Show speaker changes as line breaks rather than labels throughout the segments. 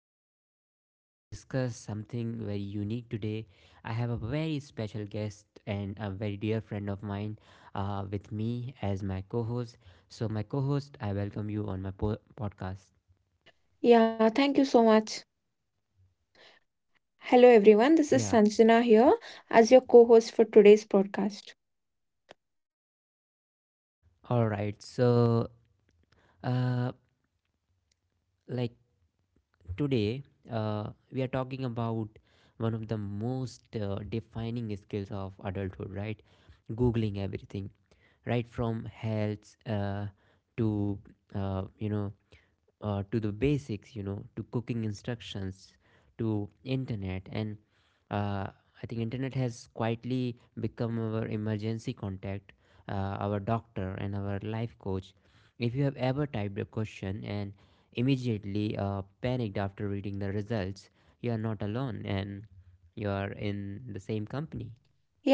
daily podcast. And to discuss something very unique today, I have a very special guest and a very dear friend of mine with me as my co host. So, my co host, I welcome you on my podcast.
Yeah, thank you so much. Hello, everyone. This is
Yeah,
Sanjana here as your co host for today's podcast.
all right. So, uh, like today, we are talking about one of the most defining skills of adulthood, right? Googling everything right from health to uh, you know to the basics, you know, to cooking instructions, to internet, and uh, I think internet has quietly become our emergency contact, our doctor and our life coach. If you have ever typed a question and immediately panicked after reading the results, you are not alone, and you are in the same company.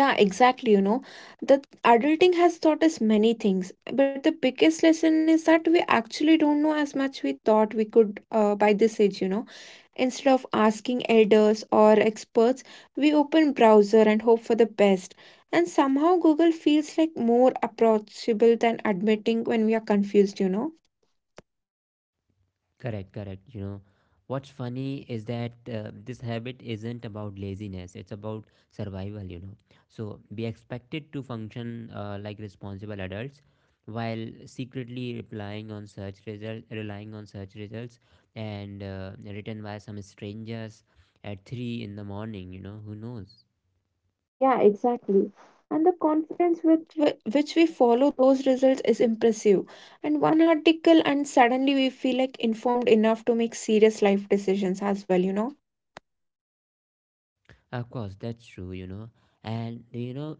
Yeah, exactly. You know, the adulting has taught us many things, but the biggest lesson is that we actually don't know as much we thought we could by this age, you know. Instead of asking elders or experts, we open browser and hope for the best. And somehow Google feels like more approachable than admitting when we are confused, you know.
Correct, correct. You know, what's funny is that this habit isn't about laziness, it's about survival, you know. So we expected to function like responsible adults while secretly relying on search results, and written by some strangers at 3 in the morning, you know, who knows?
Yeah, exactly. And the confidence with which we follow those results is impressive. And one article, and suddenly we feel like informed enough to make serious life decisions as well, you know?
Of course, that's true, you know. And you know,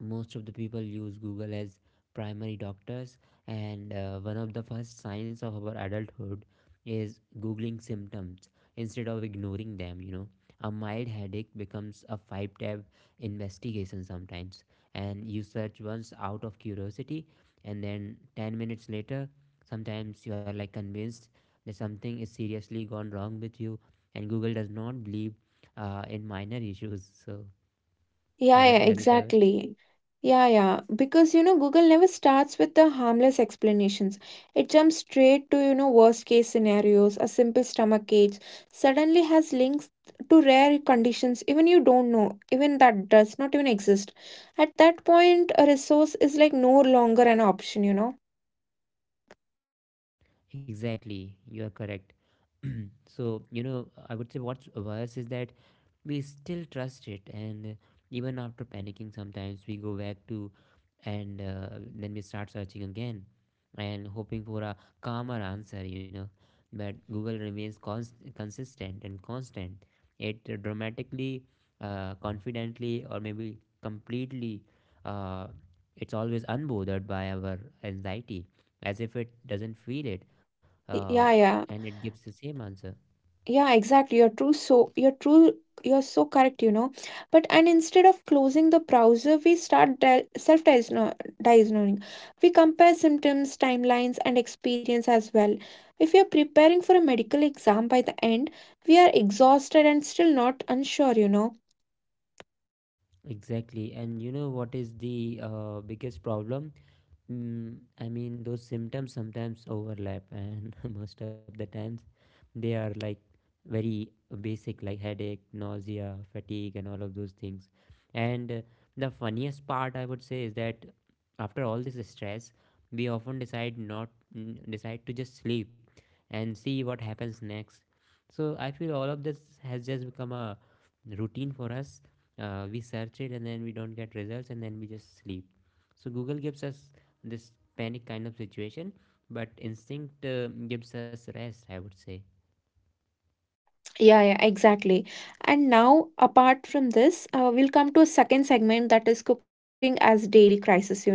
most of the people use Google as primary doctors, and one of the first signs of our adulthood is googling symptoms instead of ignoring them, you know. A mild headache becomes a five tab investigation sometimes, and you search once out of curiosity and then 10 minutes later sometimes you are like convinced that something is seriously gone wrong with you, and Google does not believe in minor issues. So have
Yeah, yeah,
has it ever.
exactly. Yeah, yeah. Because, you know, Google never starts with the harmless explanations. It jumps straight to, you know, worst case scenarios. A simple stomach ache suddenly has links to rare conditions, even you don't know, even that does not even exist. At that point, a resource is like no longer an option, you know.
Exactly, you are correct. So, you know, I would say what's worse is that we still trust it, and even after panicking, sometimes we go back to, and then we start searching again and hoping for a calmer answer, you know. But Google remains consistent and constant. It dramatically, confidently, or maybe completely, uh, it's always unbothered by our anxiety, as if it doesn't feel it. uh,
Yeah, yeah.
and it gives the same answer.
Yeah, exactly. You're true. So you're true. You're so correct, you know. But and instead of closing the browser, we start self-diagnosing. We compare symptoms, timelines, and experience as well. If you're preparing for a medical exam by the end, we are exhausted and still not unsure, you know.
Exactly, and you know what is the biggest problem. Mm, I mean, those symptoms sometimes overlap, and most of the times they are like very basic, like headache, nausea, fatigue, and all of those things. And the funniest part, I would say, is that after all this stress, we often decide not mm, decide to just sleep and see what happens next. So I feel all of this has just become a routine for us. We search it and then we don't get results, and then we just sleep. So Google gives us this panic kind of situation, but instinct gives us rest, I would say.
Yeah, yeah, exactly. And now, apart from this, we'll come to a second segment that is cooking as daily crisis, you know.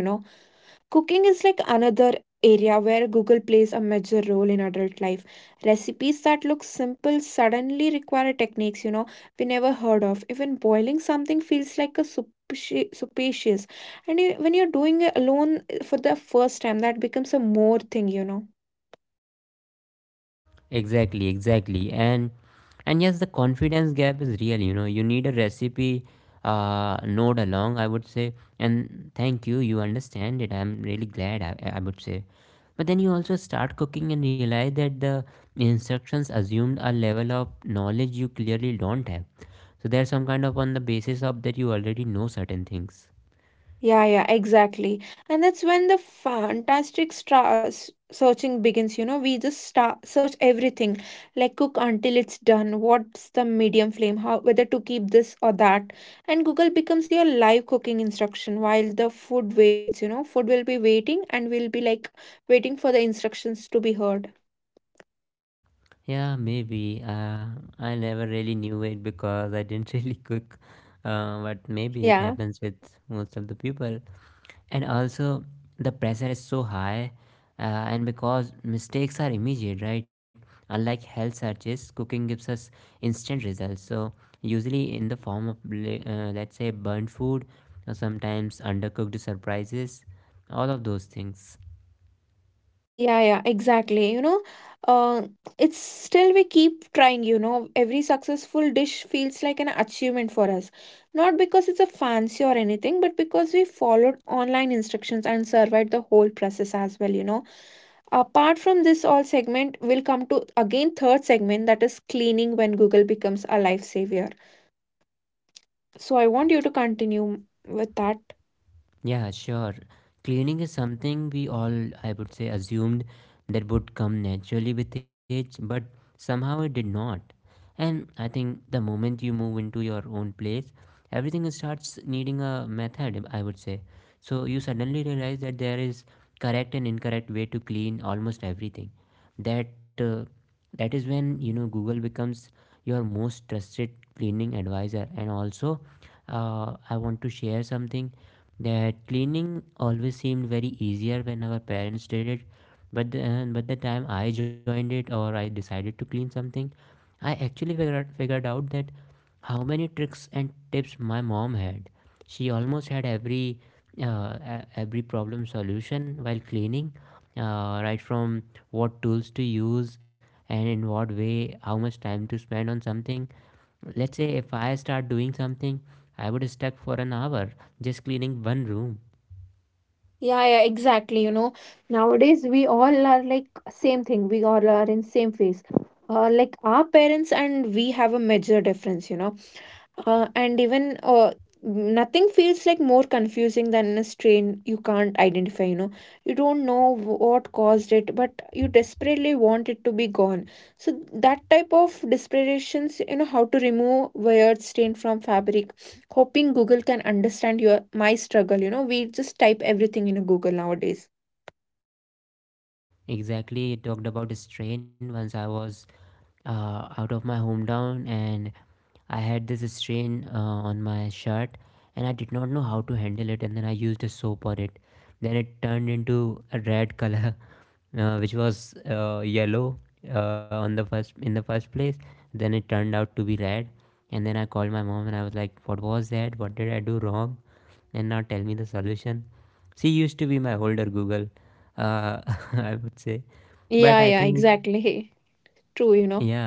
Cooking is like another area where Google plays a major role in adult life. Recipes that look simple suddenly require techniques, you know, we never heard of. Even boiling something feels like a soup. Supacious, and you, when you're doing it alone for the first time, that becomes a more thing, you know.
Exactly, exactly. And yes, the confidence gap is real, you know. You need a recipe node along, I would say. And thank you, you understand it, I'm really glad. I would say. But then you also start cooking and realize that the instructions assumed a level of knowledge you clearly don't have. So there's some kind of, on the basis of that, you already know certain things.
Yeah, yeah, exactly. And that's when the fantastic searching begins. You know, we just start search everything, like cook until it's done. What's the medium flame? How whether to keep this or that? And Google becomes your live cooking instruction while the food waits. You know, food will be waiting, and we'll be like waiting for the instructions to be heard.
Yeah, maybe. I never really knew it because I didn't really cook, but maybe it
Yeah.
happens with most of the people. And also, the pressure is so high, uh, and because mistakes are immediate, right? Unlike health searches, cooking gives us instant results. So, usually in the form of, let's say, burnt food or sometimes undercooked surprises, all of those things.
Yeah, yeah, exactly. You know, uh, it's still we keep trying, you know. Every successful dish feels like an achievement for us. Not because it's a fancy or anything, but because we followed online instructions and survived the whole process as well, you know. Apart from this all segment, we'll come to again third segment that is cleaning when Google becomes a lifesaver. So I want you to continue with that.
Yeah, sure. Cleaning is something we all, I would say, assumed that would come naturally with age, but somehow it did not. And I think the moment you move into your own place, everything starts needing a method, I would say. So you suddenly realize that there is correct and incorrect way to clean almost everything. That uh, that is when, you know, Google becomes your most trusted cleaning advisor. And also, I want to share something, that cleaning always seemed very easier when our parents did it, but but the time I joined it, or I decided to clean something, I actually figured out that how many tricks and tips my mom had. She almost had every every problem solution while cleaning, right from what tools to use and in what way, how much time to spend on something. Let's say if I start doing something, I would stuck for an hour just cleaning one room.
Yeah, yeah, exactly. You know, nowadays we all are like same thing. We all are in same phase. Like our parents and we have a major difference, you know. And even nothing feels like more confusing than a strain you can't identify, you know. You don't know what caused it, but you desperately want it to be gone. So that type of desperations, you know, how to remove weird stain from fabric hoping Google can understand your my struggle, you know. We just type everything in a Google nowadays.
Exactly, you talked about the strain. Once I was out of my hometown, and I had this strain on my shirt, and I did not know how to handle it, and then I used a soap on it. Then it turned into a red color, which was yellow on the first in the first place. Then it turned out to be red, and then I called my mom, and I was like, what was that, what did I do wrong, and now tell me the solution. She used to be my older Google, uh, I would say. But
Yeah,
I
yeah,
think,
exactly. True, you know.
yeah,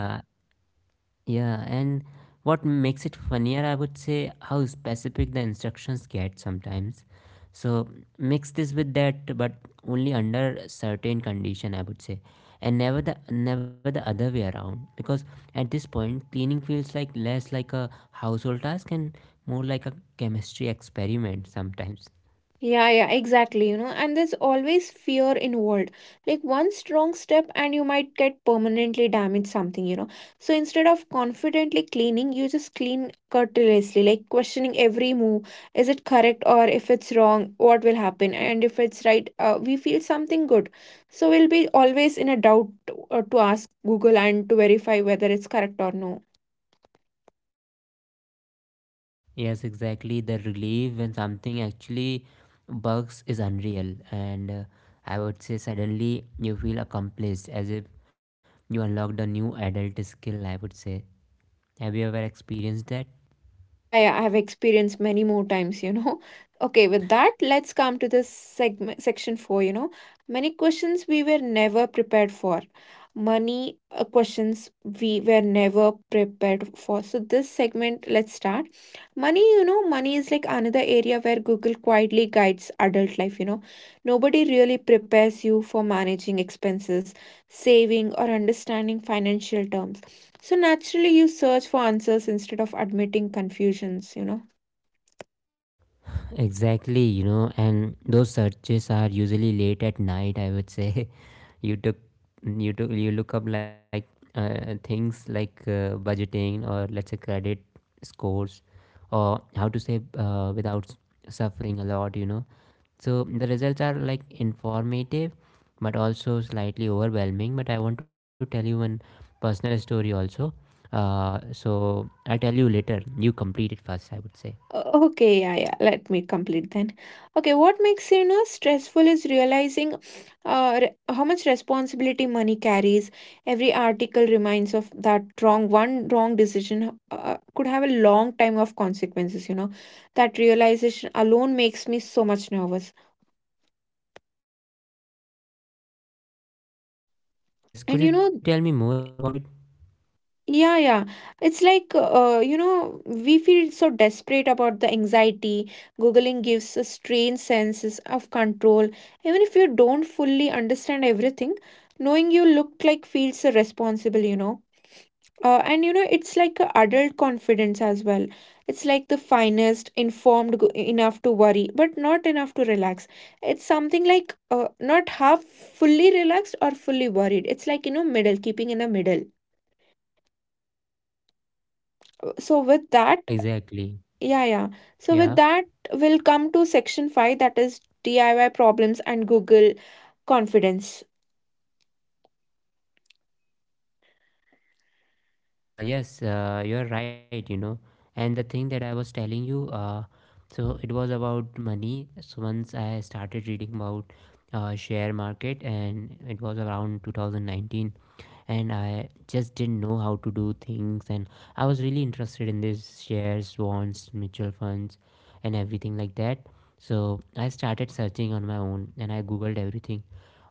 yeah. And what makes it funnier, I would say, how specific the instructions get sometimes. So mix this with that, but only under certain condition, I would say, and never the other way around. Because at this point, cleaning feels like less like a household task and more like a chemistry experiment sometimes.
Yeah, yeah, exactly. You know, and there's always fear involved. Like one strong step, and you might get permanently damaged something, you know. So instead of confidently cleaning, you just clean curtilagely, like questioning every move. Is it correct or if it's wrong, what will happen? And if it's right, we feel something good. So we'll be always in a doubt to ask Google and to verify whether it's correct or no.
Yes, exactly. The relief when something actually bugs is unreal, and I would say suddenly you feel accomplished as if you unlocked a new adult skill. I would say, have you ever experienced that?
Yeah, yeah, I've experienced many more times, you know. Okay, with that, let's come to this segment, section four, you know. Many questions we were never prepared for. Money questions we were never prepared for. So, this segment, let's start. Money, you know, money is like another area where Google quietly guides adult life, you know. Nobody really prepares you for managing expenses, saving, or understanding financial terms. So naturally, you search for answers instead of admitting confusions, you know.
Exactly, you know, and those searches are usually late at night, I would say. you took you look up like things like budgeting, or let's say credit scores, or how to save without s- suffering a lot, you know. So the results are like informative but also slightly overwhelming. But I want to tell you one personal story also. So I'll tell you later. You complete it first, I would say.
Okay, yeah, yeah. Let me complete then. Okay, what makes you know stressful is realizing how much responsibility money carries. Every article reminds of that wrong decision could have a long time of consequences. You know, that realization alone makes me so much nervous. And
Yes,
you
could you
know.
tell me more about it?
Yeah, yeah. It's like, you know, we feel so desperate about the anxiety. Googling gives a strange senses of control. Even if you don't fully understand everything, knowing you look like feels so responsible, you know. And you know, it's like a adult confidence as well. It's like the finest, informed enough to worry, but not enough to relax. It's something like not half fully relaxed or fully worried. It's like, you know, middle, keeping in the middle. So with that,
Exactly.
yeah, yeah. So with that,
Yeah.
we'll come to section five, that is DIY problems and Google confidence.
Yes, you're right, you know. And the thing that I was telling you, so it was about money. So once I started reading about share market, and it was around 2019, and I just didn't know how to do things, and I was really interested in this shares, bonds, mutual funds, and everything like that. So I started searching on my own, and I googled everything.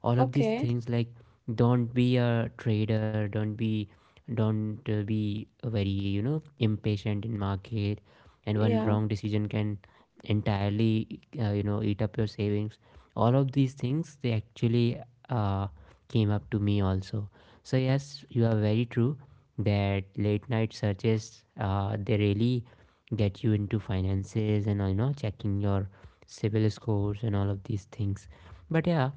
All of these
Okay.
things like don't be a trader, don't be very, you know, impatient in market, and one
Yeah.
wrong decision can entirely, you know, eat up your savings. All of these things, they actually uh, came up to me also. So yes, you are very true, that late night searches, they really get you into finances, and you know, checking your civil scores and all of these things. But yeah,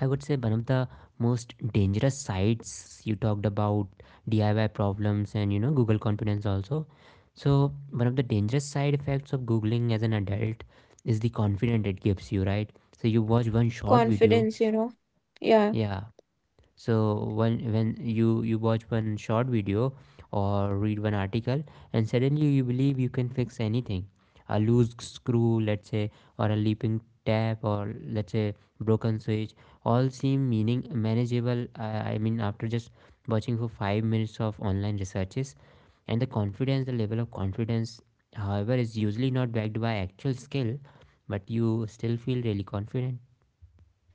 I would say one of the most dangerous sites you talked about, DIY problems and, you know, Google confidence also. So one of the dangerous side effects of googling as an adult is the confidence it gives you, right? So you watch one short
Confidence, you
video,
know. Yeah.
yeah, so when you watch one short video or read one article, and suddenly you believe you can fix anything. A loose screw, let's say, or a leaping tap, or let's say broken switch, all seem meaning manageable, I mean, after just watching for 5 minutes of online researches. And the confidence, the level of confidence, however, is usually not backed by actual skill, but you still feel really confident.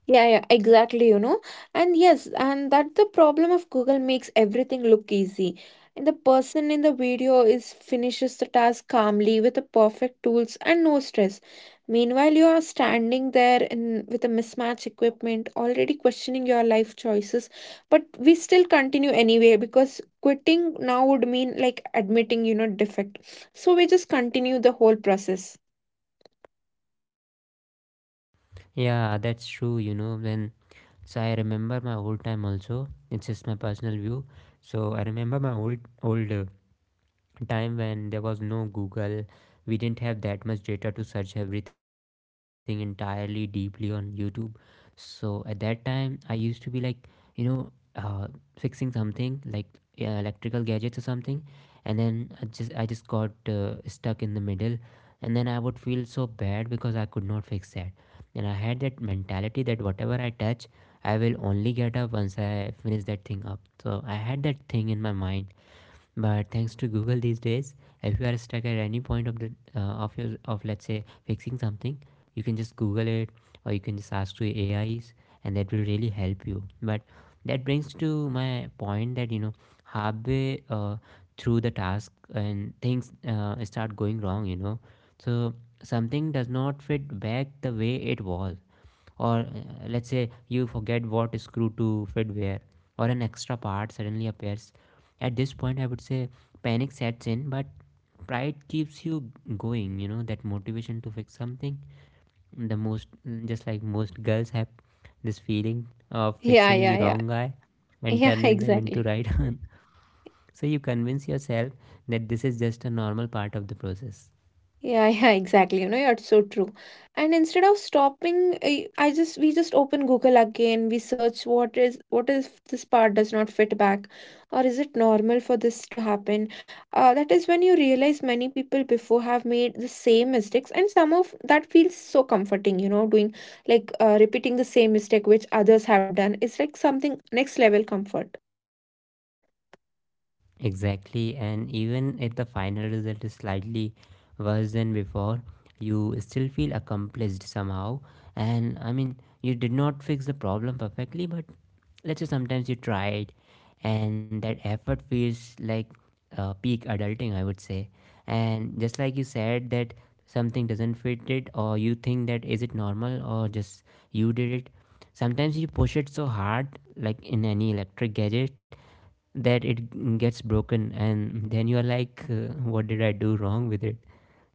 Yeah, yeah, exactly, you know. And yes, and that's the problem of Google makes everything look easy. And the person in the video is finishes the task calmly with the perfect tools and no stress. Meanwhile, you are standing there in with a mismatched equipment, already questioning your life choices. But we still continue anyway because quitting now would mean like admitting, you know, defect. So we just continue the whole process.
Yeah, that's true, you know. When, so I remember my old time also. It's just my personal view. So I remember my old time when there was no Google, we didn't have that much data to search everything entirely deeply on YouTube. So at that time, I used to be like, you know, uh, fixing something like electrical gadgets or something, and then I just got stuck in the middle, and then I would feel so bad because I could not fix that, and I had that mentality that whatever I touch, I will only get up once I finish that thing up. So I had that thing in my mind. But thanks to Google these days, if you are stuck at any point of the of your of let's say fixing something, you can just Google it, or you can just ask to AIs, and that will really help you. But that brings to my point that, you know, halfway through the task, and things start going wrong. You know, so something does not fit back the way it was or let's say you forget what screw to fit where, or an extra part suddenly appears. At this point, I would say panic sets in, but pride keeps you going, you know, that motivation to fix something the most, just like most girls have this feeling of
Yeah,
fixing the
yeah, yeah.
wrong guy and
Yeah,
turning them into
exactly.
right one. So you convince yourself that this is just a normal part of the process.
Yeah, yeah, exactly. You know, you're so true. And instead of stopping, I just we just open Google again. We search what if this part does not fit back, or is it normal for this to happen? That is when you realize many people before have made the same mistakes, and some of that feels so comforting. You know, doing like repeating the same mistake which others have done is like something next level comfort.
Exactly, and even if the final result is slightly worse than before, you still feel accomplished somehow. And I mean, you did not fix the problem perfectly, but let's say sometimes you tried, and that effort feels like peak adulting, I would say. And just like you said, that something doesn't fit it, or you think that is it normal, or just you did it. Sometimes you push it so hard, like in any electric gadget, that it gets broken, and then you're like what did I do wrong with it,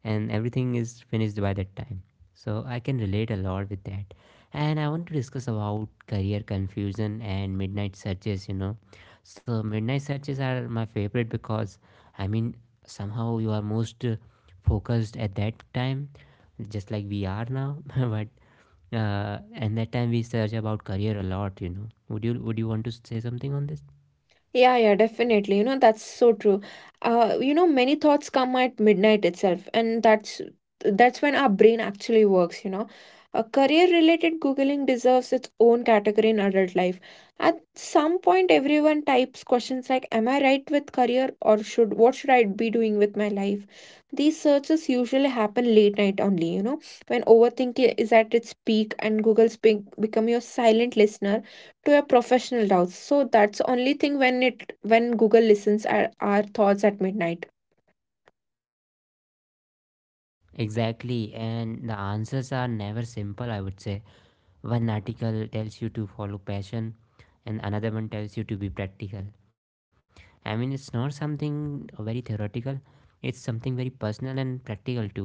and everything is finished by that time. So I can relate a lot with that. And I want to discuss about career confusion and midnight searches, you know. So midnight searches are my favorite because I mean, somehow you are most focused at that time, just like we are now, but and that time we search about career a lot, you know. Would you want to say something on this?
Yeah, yeah, definitely. You know, that's so true. You know, many thoughts come at midnight itself, and that's when our brain actually works, you know. A career-related Googling deserves its own category in adult life. At some point, everyone types questions like, am I right with career or should what should I be doing with my life? These searches usually happen late night only, you know, when overthinking is at its peak and Google's be become your silent listener to your professional doubts. So that's the only thing when it when Google listens at our thoughts at midnight.
Exactly, and the answers are never simple, I would say. One article tells you to follow passion, and another one tells you to be practical. I mean, it's not something very theoretical, it's something very personal and practical too.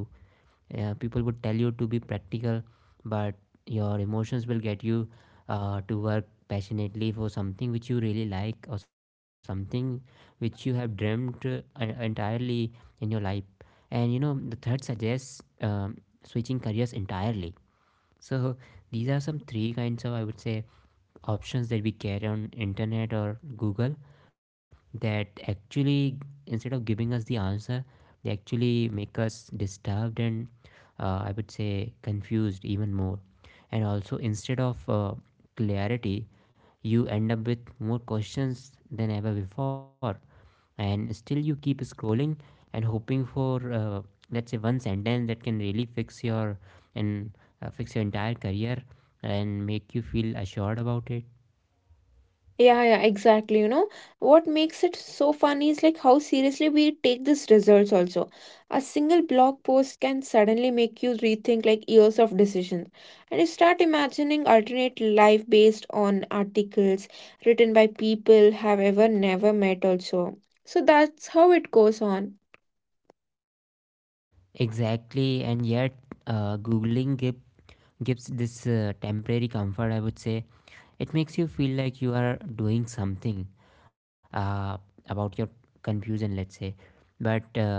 Yeah, people would tell you to be practical, but your emotions will get you to work passionately for something which you really like, or something which you have dreamt entirely in your life. And you know, the third suggests switching careers entirely. So these are some three kinds of, I would say, options that we carry on internet or Google, that actually, instead of giving us the answer, they actually make us disturbed and, I would say, confused even more. And also, instead of clarity, you end up with more questions than ever before. And still you keep scrolling and hoping for, let's say, one sentence that can really fix your and fix your entire career and make you feel assured about it.
Yeah, yeah, exactly. You know, what makes it so funny is like how seriously we take these results also. A single blog post can suddenly make you rethink like years of decision. And you start imagining alternate life based on articles written by people have ever never met also. So that's how it goes on.
Exactly, and yet googling gives gives this temporary comfort, I would say. It makes you feel like you are doing something uh, about your confusion, let's say. But uh,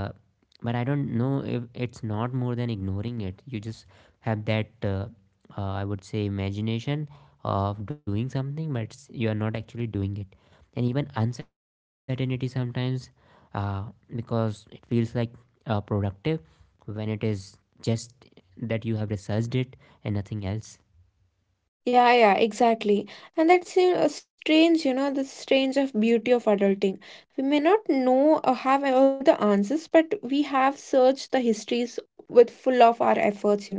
but I don't know if it's not more than ignoring it. You just have that I would say imagination of doing something, but it's, you are not actually doing it. And even uncertainty sometimes, uh, because it feels like productive, when it is just that you have researched it and nothing else.
Yeah, yeah, exactly. And that's a strange, you know, the strange of beauty of adulting. We may not know or have all the answers, but we have searched the histories with full of our efforts, you know.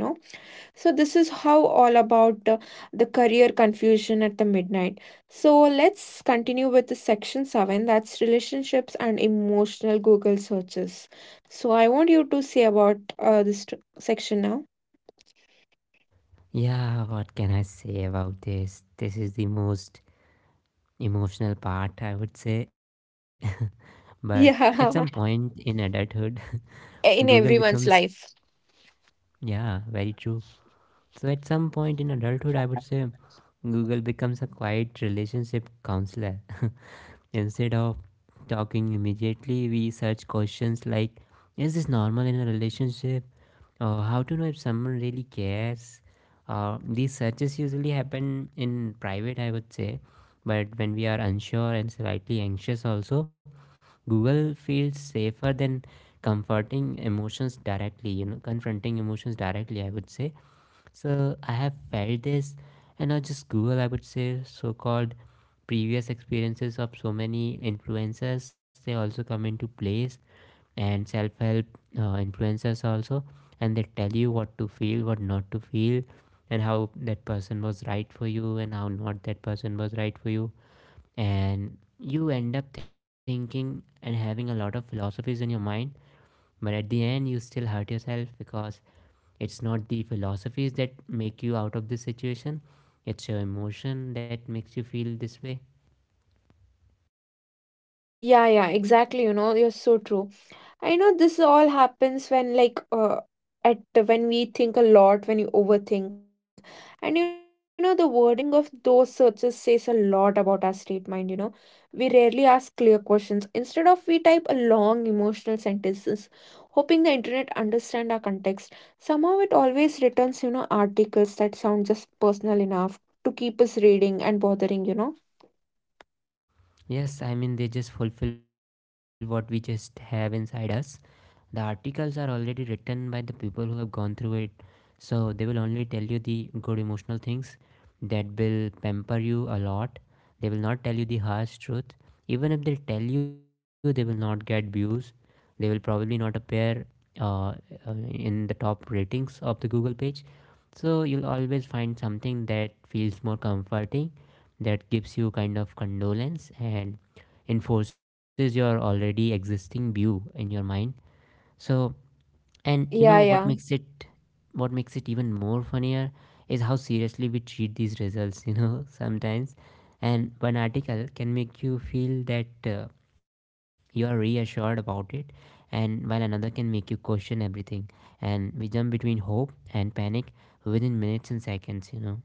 So this is how all about the career confusion at the midnight. So let's continue with the section 7, that's relationships and emotional Google searches. So I want you to say about this section now.
Yeah, what can I say about this? This is the most emotional part, I would say. But at some point in adulthood,
Yeah,
Google
in
becomes,
everyone's life.
yeah, very true. So at some point in adulthood, I would say Google becomes a quiet relationship counselor. Instead of talking immediately, we search questions like, is this normal in a relationship? Or how to know if someone really cares? These searches usually happen in private, I would say, but when we are unsure and slightly anxious, also, Google feels safer than comforting emotions directly, you know, confronting emotions directly, I would say. So I have felt this, and not just Google, I would say, so called previous experiences of so many influencers. They also come into place, and self help influencers also, and they tell you what to feel, what not to feel, and how that person was right for you, and how not that person was right for you. And you end up thinking and having a lot of philosophies in your mind, but at the end, you still hurt yourself, because it's not the philosophies that make you out of this situation, it's your emotion that makes you feel this way.
Yeah, yeah, exactly. You know, you're so true. I know this all happens when, like, at when we think a lot, when you overthink, and you know, the wording of those searches says a lot about our state mind. You know, we rarely ask clear questions. Instead of we type a long emotional sentences, hoping the internet understand our context. Somehow, it always returns, you know, articles that sound just personal enough to keep us reading and bothering. You know.
Yes, I mean, they just fulfill what we just have inside us. The articles are already written by the people who have gone through it, so they will only tell you the good emotional things that will pamper you a lot. They will not tell you the harsh truth. Even if they tell you, they will not get views. They will probably not appear uh, uh, in the top ratings of the Google page. So you'll always find something that feels more comforting, that gives you kind of condolence and enforces your already existing view in your mind. So, and you know
Yeah,
what
yeah.
makes it, what makes it even more funnier is how seriously we treat these results, you know, sometimes. And one article can make you feel that you are reassured about it, and while another can make you question everything. And we jump between hope and panic within minutes and seconds, you know.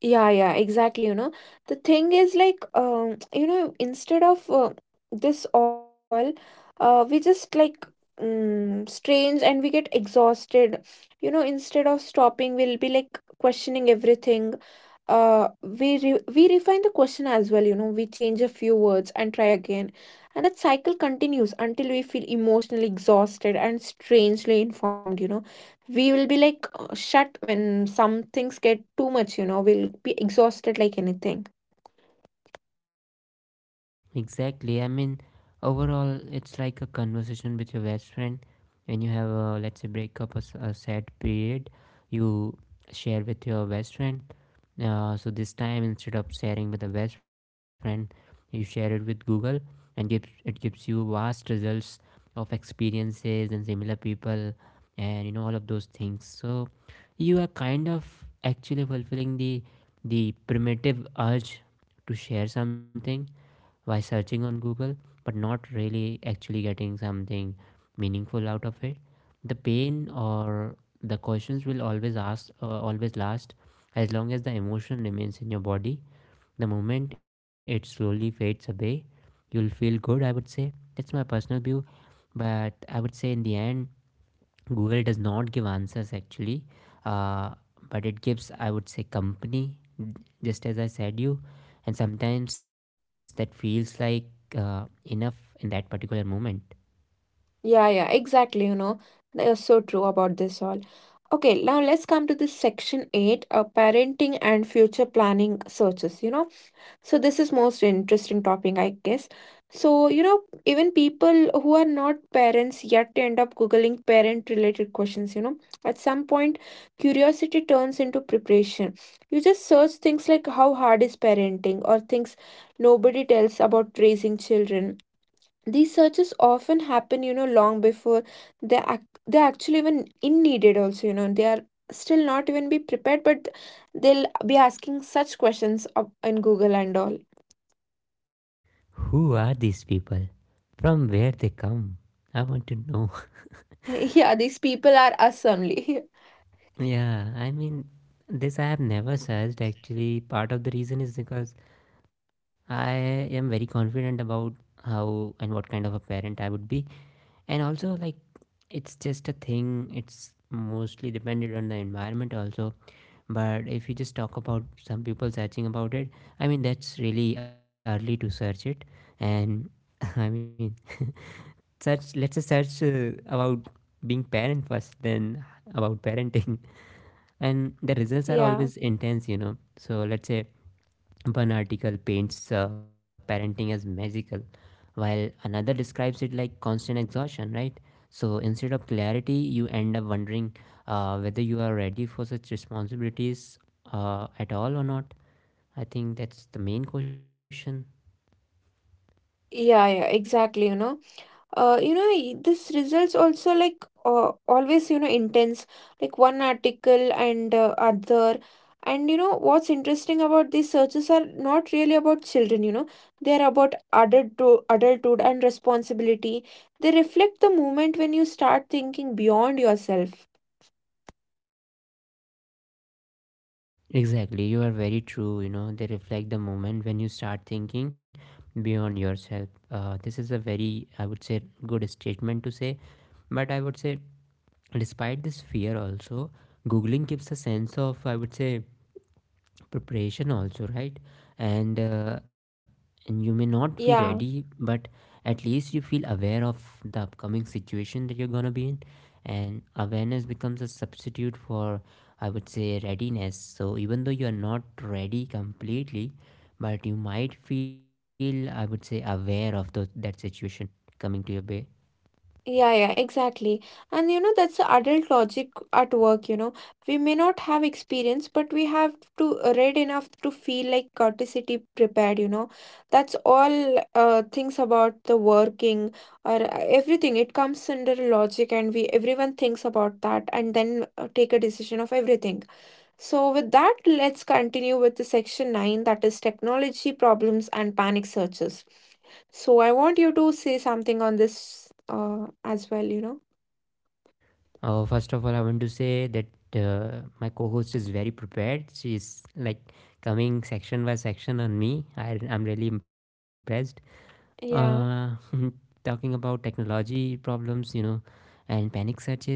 Yeah, yeah, exactly. You know, the thing is like, you know, instead of this all, we just like strange and we get exhausted. You know, instead of stopping, we'll be like questioning everything uh we refine the question as well, you know, we change a few words and try again, and that cycle continues until we feel emotionally exhausted and strangely informed, you know. We will be like shut when some things get too much, you know, we'll be exhausted like anything.
Exactly. I mean, overall, it's like a conversation with your best friend. When you have a, let's say, breakup, a, s- a sad period, you share with your best friend. So this time, instead of sharing with a best friend, you share it with Google, and gives it gives you vast results of experiences and similar people, and you know, all of those things. So you are kind of actually fulfilling the primitive urge to share something by searching on Google, but not really actually getting something meaningful out of it. The pain or the questions will always ask, always last as long as the emotion remains in your body. The moment it slowly fades away, you'll feel good, I would say. That's my personal view, but I would say, in the end, Google does not give answers actually, uh, but it gives, I would say, company, just as I said you. And sometimes that feels like enough in that particular moment.
Yeah, yeah, exactly, you know, they're so true about this all. Okay, now let's come to this section 8 parenting and future planning searches, you know. So this is most interesting topic, I guess. So, you know, even people who are not parents yet end up Googling parent-related questions, you know. At some point, curiosity turns into preparation. You just search things like how hard is parenting or things nobody tells about raising children. These searches often happen, you know, long before they ac they actually even in needed also, you know. They are still not even be prepared, but they'll be asking such questions up in Google and all.
Who are these people? From where they come? I want to know.
Yeah, these people are us only.
Yeah, I mean, this I have never searched actually. Part of the reason is because I am very confident about how and what kind of a parent I would be. And also, like, it's just a thing, it's mostly dependent on the environment also. But if you just talk about some people searching about it, I mean, that's really early to search it. And I mean, search let's just search about being parent first, then about parenting. And the results are
Yeah,
always intense, you know. So let's say, one article paints parenting as magical, while another describes it like constant exhaustion, right? So instead of clarity, you end up wondering whether you are ready for such responsibilities at all or not. I think that's the main question.
yeah, exactly, you know. You know, this results also like always, you know, intense, like one article and other. And you know, what's interesting about these searches are not really about children, you know. They're about adulthood, adulthood and responsibility. They reflect the moment when you start thinking beyond yourself.
Exactly, you are very true. You know, they reflect the moment when you start thinking beyond yourself. This is a very, I would say, good statement to say, but I would say, despite this fear also, googling gives a sense of, I would say, preparation also, right? And and you may not be ready,
Yeah.
but at least you feel aware of the upcoming situation that you're going to be in. And awareness becomes a substitute for, I would say, readiness. So even though you're not ready completely, but you might feel, I would say, aware of that situation coming to your way.
Yeah, yeah, exactly. And you know, that's the adult logic at work, you know. We may not have experience, but we have to read enough to feel like courtesy prepared, you know. That's all things about the working or everything. It comes under logic and we everyone thinks about that and then take a decision of everything. So, with that, let's continue with the section 9 that is technology problems and panic searches. So, I want you to say something on this as well, you know?
First of all, I want to say that my co-host is very prepared. She's like coming section by section on me. I'm really impressed. Uh,
Yeah.
talking about technology problems, you know, and panic searches.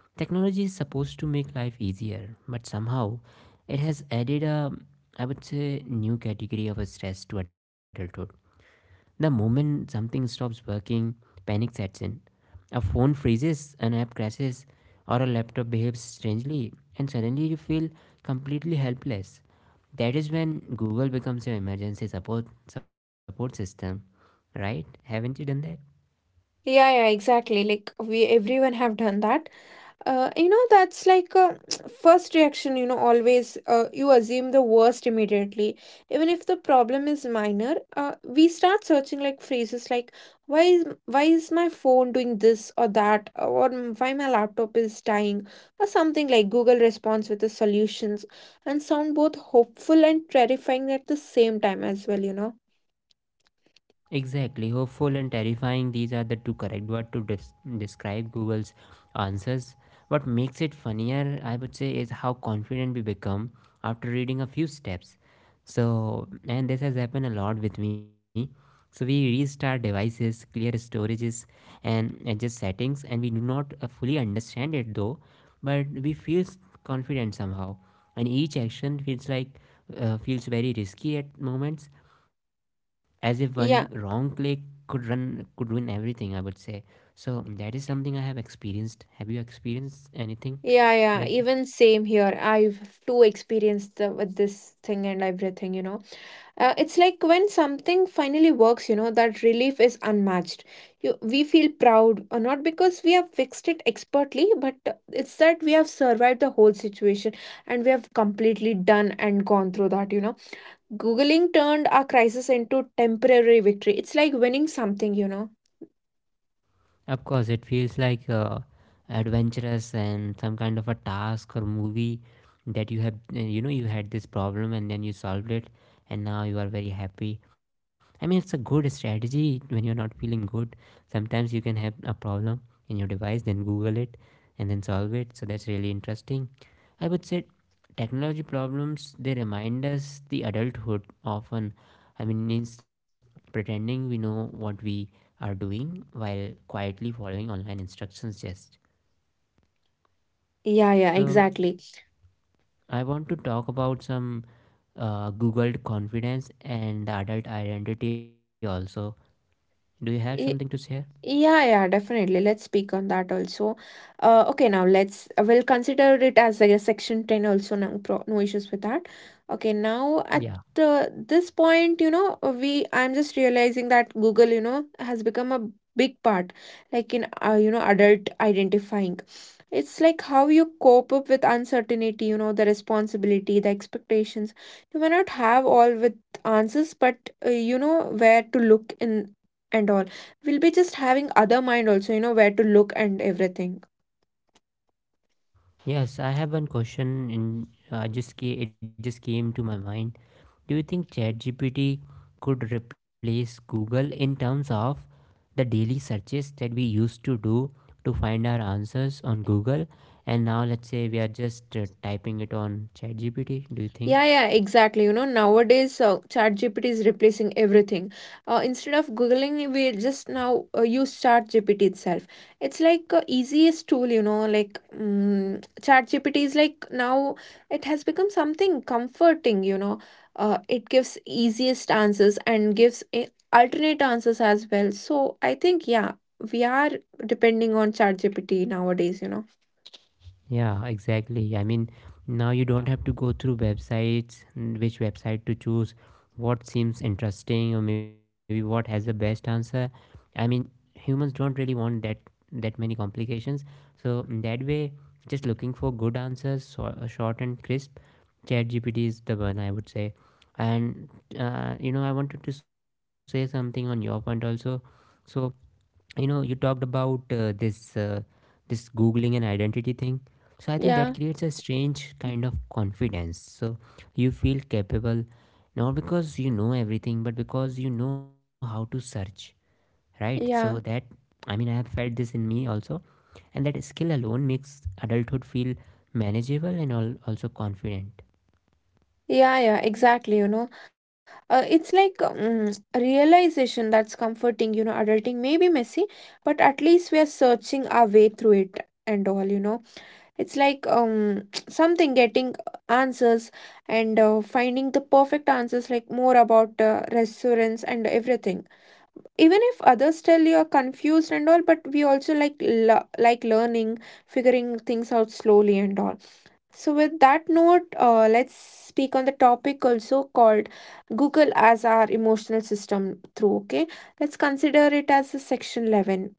Technology is supposed to make life easier, but somehow it has added a, I would say, new category of a stress to adulthood. The moment something stops working, panic sets in. A phone freezes, an app crashes, or a laptop behaves strangely, and suddenly you feel completely helpless. That is when Google becomes your emergency support system, right? Haven't you done that?
Yeah, yeah, exactly. Like we everyone have done that. You know, that's like a first reaction, you know, always you assume the worst immediately. Even if the problem is minor, we start searching like phrases like why is my phone doing this or that or "Mm, why my laptop is dying or something like Google responds with the solutions and sound both hopeful and terrifying at the same time as well, you know.
Exactly, hopeful and terrifying, these are the two correct words to describe Google's answers. What makes it funnier, I would say, is how confident we become after reading a few steps. So, and this has happened a lot with me. So we restart devices, clear storages, and adjust settings, and we do not fully understand it though, but we feel confident somehow. And each action feels like feels very risky at moments, as if one wrong click
Yeah,
could ruin everything, I would say. So that is something I have experienced. Have you experienced anything
yeah, yeah,
like this?
even same here. I've too experienced the, with this thing and everything, you know. It's like when something finally works, you know, that relief is unmatched. We feel proud, not because we have fixed it expertly, but it's that we have survived the whole situation and we have completely done and gone through that, you know. Googling turned our crisis into temporary victory. It's like winning something, you know.
Of course, it feels like adventurous and some kind of a task or movie that you have, you know, you had this problem and then you solved it, and now you are very happy. I mean, it's a good strategy when you're not feeling good. Sometimes you can have a problem in your device, then Google it and then solve it. So that's really interesting. I would say technology problems, they remind us the adulthood often. I mean, it's pretending we know what we are doing while quietly following online instructions just
Yeah, yeah,
so
exactly.
I want to talk about some Google confidence and adult identity also. Do you have something to
E,
share?
Yeah, yeah, definitely. Let's speak on that also. Okay, now let's we'll consider it as a section 10 also. No issues with that. Okay, now at
Yeah,
this point, you know, we I'm just realizing that Google, you know, has become a big part, like in you know, adult identifying. It's like how you cope up with uncertainty, you know, the responsibility, the expectations. You may not have all with answers, but you know where to look in and all. We'll be just having other mind also, you know, where to look and everything.
yes, I have one question in it just came to my mind. Do you think ChatGPT could replace Google in terms of the daily searches that we used to do to find our answers on Google? And now, let's say we are just typing it on ChatGPT. Do you think?
Yeah, yeah, exactly, you know. Nowadays chat is replacing everything. Instead of googling, we just now use ChatGPT itself. It's like easiest tool, you know. Like ChatGPT is like now it has become something comforting, you know. It gives easiest answers and gives alternate answers as well, so I think, yeah, we are depending on ChatGPT nowadays, you know.
Yeah, exactly. I mean, now you don't have to go through websites, mm, which website to choose, what seems interesting, or maybe what has the best answer. I mean, humans don't really want that many complications. So in that way, just looking for good answers, so, short and crisp. ChatGPT is the one, I would say. And you know, I wanted to say something on your point also. So you know, you talked about this googling and identity thing, so I think that
Yeah.
creates a strange kind of confidence. So you feel capable not because you know everything, but because you know how to search, right? So that,
Yeah,
I mean, I have felt this in me also, and that skill alone makes adulthood feel manageable and also confident.
yeah, exactly. You know, it's like a realization that's comforting. You know, adulting may be messy, but at least we are searching our way through it and all. You know, it's like something getting answers and finding the perfect answers, like more about resonance and everything. Even if others tell you are confused and all, but we also like like learning, figuring things out slowly and all. So, with that note, let's speak on the topic also called Google as our emotional system through. Okay, let's consider it as a section 11.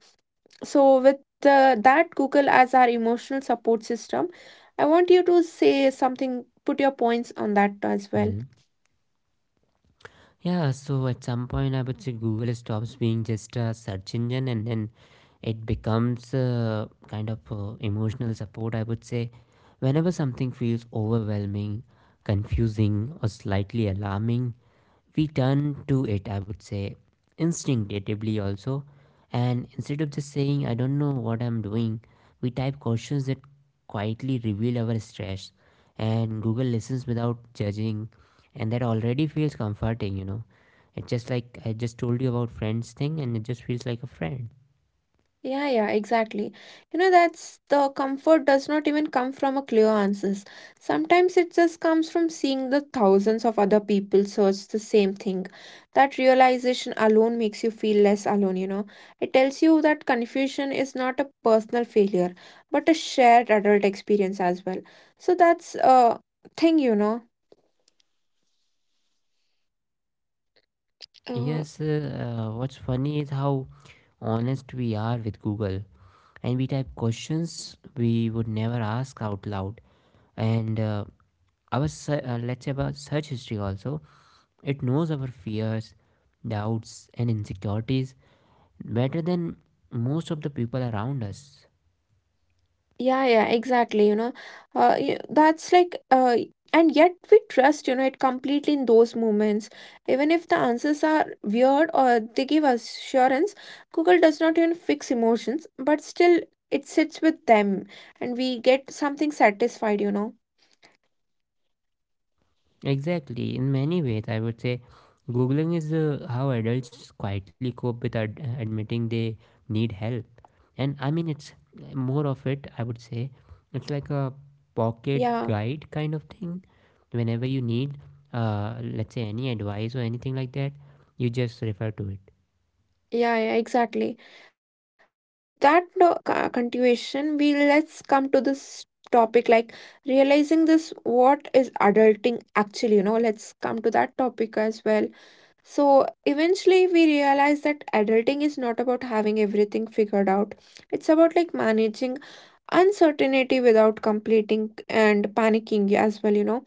So, with the, that Google as our emotional support system, I want you to say something, put your points on that as well.
Mhm. Yeah, so at some point I would say Google stops being just a search engine, and then it becomes a kind of emotional support, I would say. Whenever something feels overwhelming, confusing, or slightly alarming, we turn to it, I would say, instinctively also. And instead of just saying, I don't know what I'm doing, we type questions that quietly reveal our stress. And Google listens without judging, and that already feels comforting, you know. It's just like I just told you about friends thing, and it just feels like a friend.
Yeah, yeah, exactly. You know, that's the comfort does not even come from a clear answers. Sometimes it just comes from seeing the thousands of other people search the same thing. That realization alone makes you feel less alone, you know. It tells you that confusion is not a personal failure, but a shared adult experience as well. So that's a thing, you know. Uh,
Yes, what's funny is how honest we are with Google. And we type questions we would never ask out loud. And let's say, about search history also, it knows our fears, doubts, and insecurities better than most of the people around us.
Yeah, yeah, exactly. You know, that's like, and yet we trust, you know, it completely in those moments. Even if the answers are weird or they give us assurance, Google does not even fix emotions, but still it sits with them and we get something satisfied, you know.
Exactly. In many ways, I would say Googling is how adults quietly cope with admitting they need help. And I mean, it's more of it, I would say. It's like a pocket
Yeah,
guide kind of thing. Whenever you need let's say any advice or anything like that, you just refer to it.
yeah, exactly. With that no, continuation, we let's come to this topic like realizing this what is adulting actually, you know. Let's come to that topic as well. So eventually we realize that adulting is not about having everything figured out. It's about like managing uncertainty without completing and panicking as well, you know.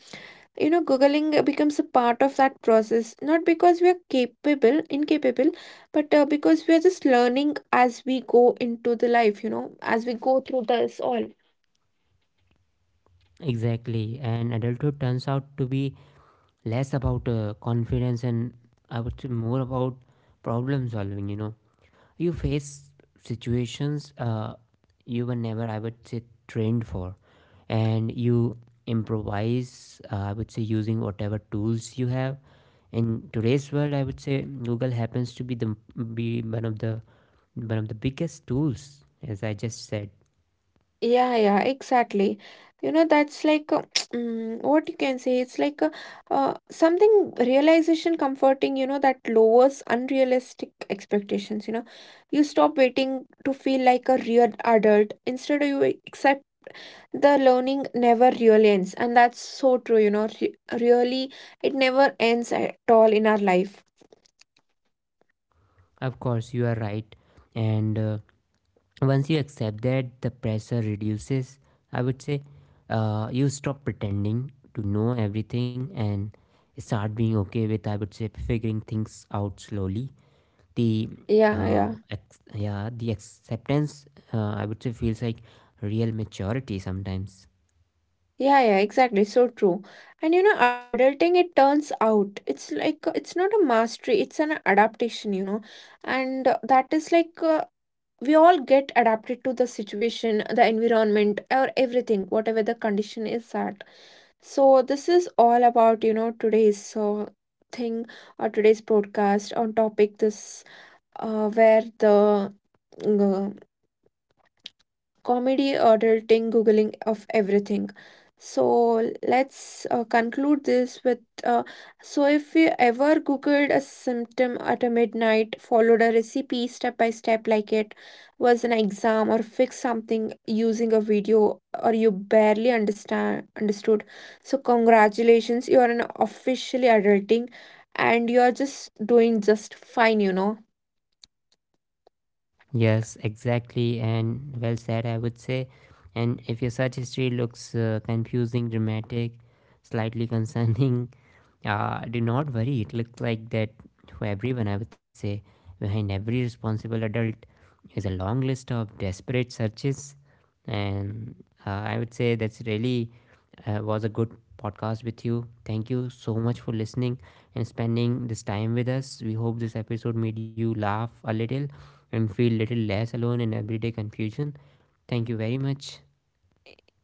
You know, Googling becomes a part of that process, not because we are capable, incapable, but because we are just learning as we go into the life, you know, as we go through this all.
Exactly, and adulthood turns out to be less about confidence and, I would say, more about problem solving, you know. You face situations you were never, I would say, trained for, and you improvise, I would say, using whatever tools you have. In today's world, I would say Google happens to be the be one of the biggest tools, as I just said.
Yeah, yeah, exactly. You know, that's like what you can say. It's like something realization comforting, you know, that lowers unrealistic expectations. You know, you stop waiting to feel like a real adult. Instead, you accept the learning never really ends. And that's so true, you know, re really, it never ends at all in our life.
Of course, you are right. And once you accept that, the pressure reduces, I would say. You stop pretending to know everything and start being okay with, I would say, figuring things out slowly. The
Yeah, yeah.
yeah, the acceptance, I would say, feels like real maturity sometimes.
Yeah, yeah, exactly. So true. And you know, adulting, it turns out, it's like, it's not a mastery, it's an adaptation, you know. And that is like, we all get adapted to the situation, the environment, or everything, whatever the condition is at. So, this is all about, you know, today's thing or today's broadcast on topic this, where the uh, comedy, adulting, googling of everything. So let's conclude this with so if you ever googled a symptom at a midnight, followed a recipe step by step like it was an exam or fixed something using a video or you barely understand understood. So congratulations, you are an officially adulting and you are just doing just fine, you know.
Yes, exactly, and well said, I would say. And if your search history looks confusing, dramatic, slightly concerning, do not worry, it looks like that to everyone, I would say. Behind every responsible adult is a long list of desperate searches. And I would say that's really, was a good podcast with you. Thank you so much for listening and spending this time with us. We hope this episode made you laugh a little and feel little less alone in everyday confusion. Thank you very much.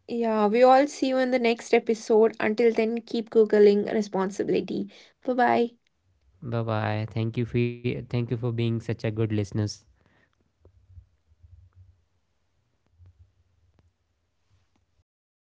Yeah, we all see you in the next episode. Until then, keep Googling responsibility. Bye bye.
Bye bye. Thank you for being such a good listeners.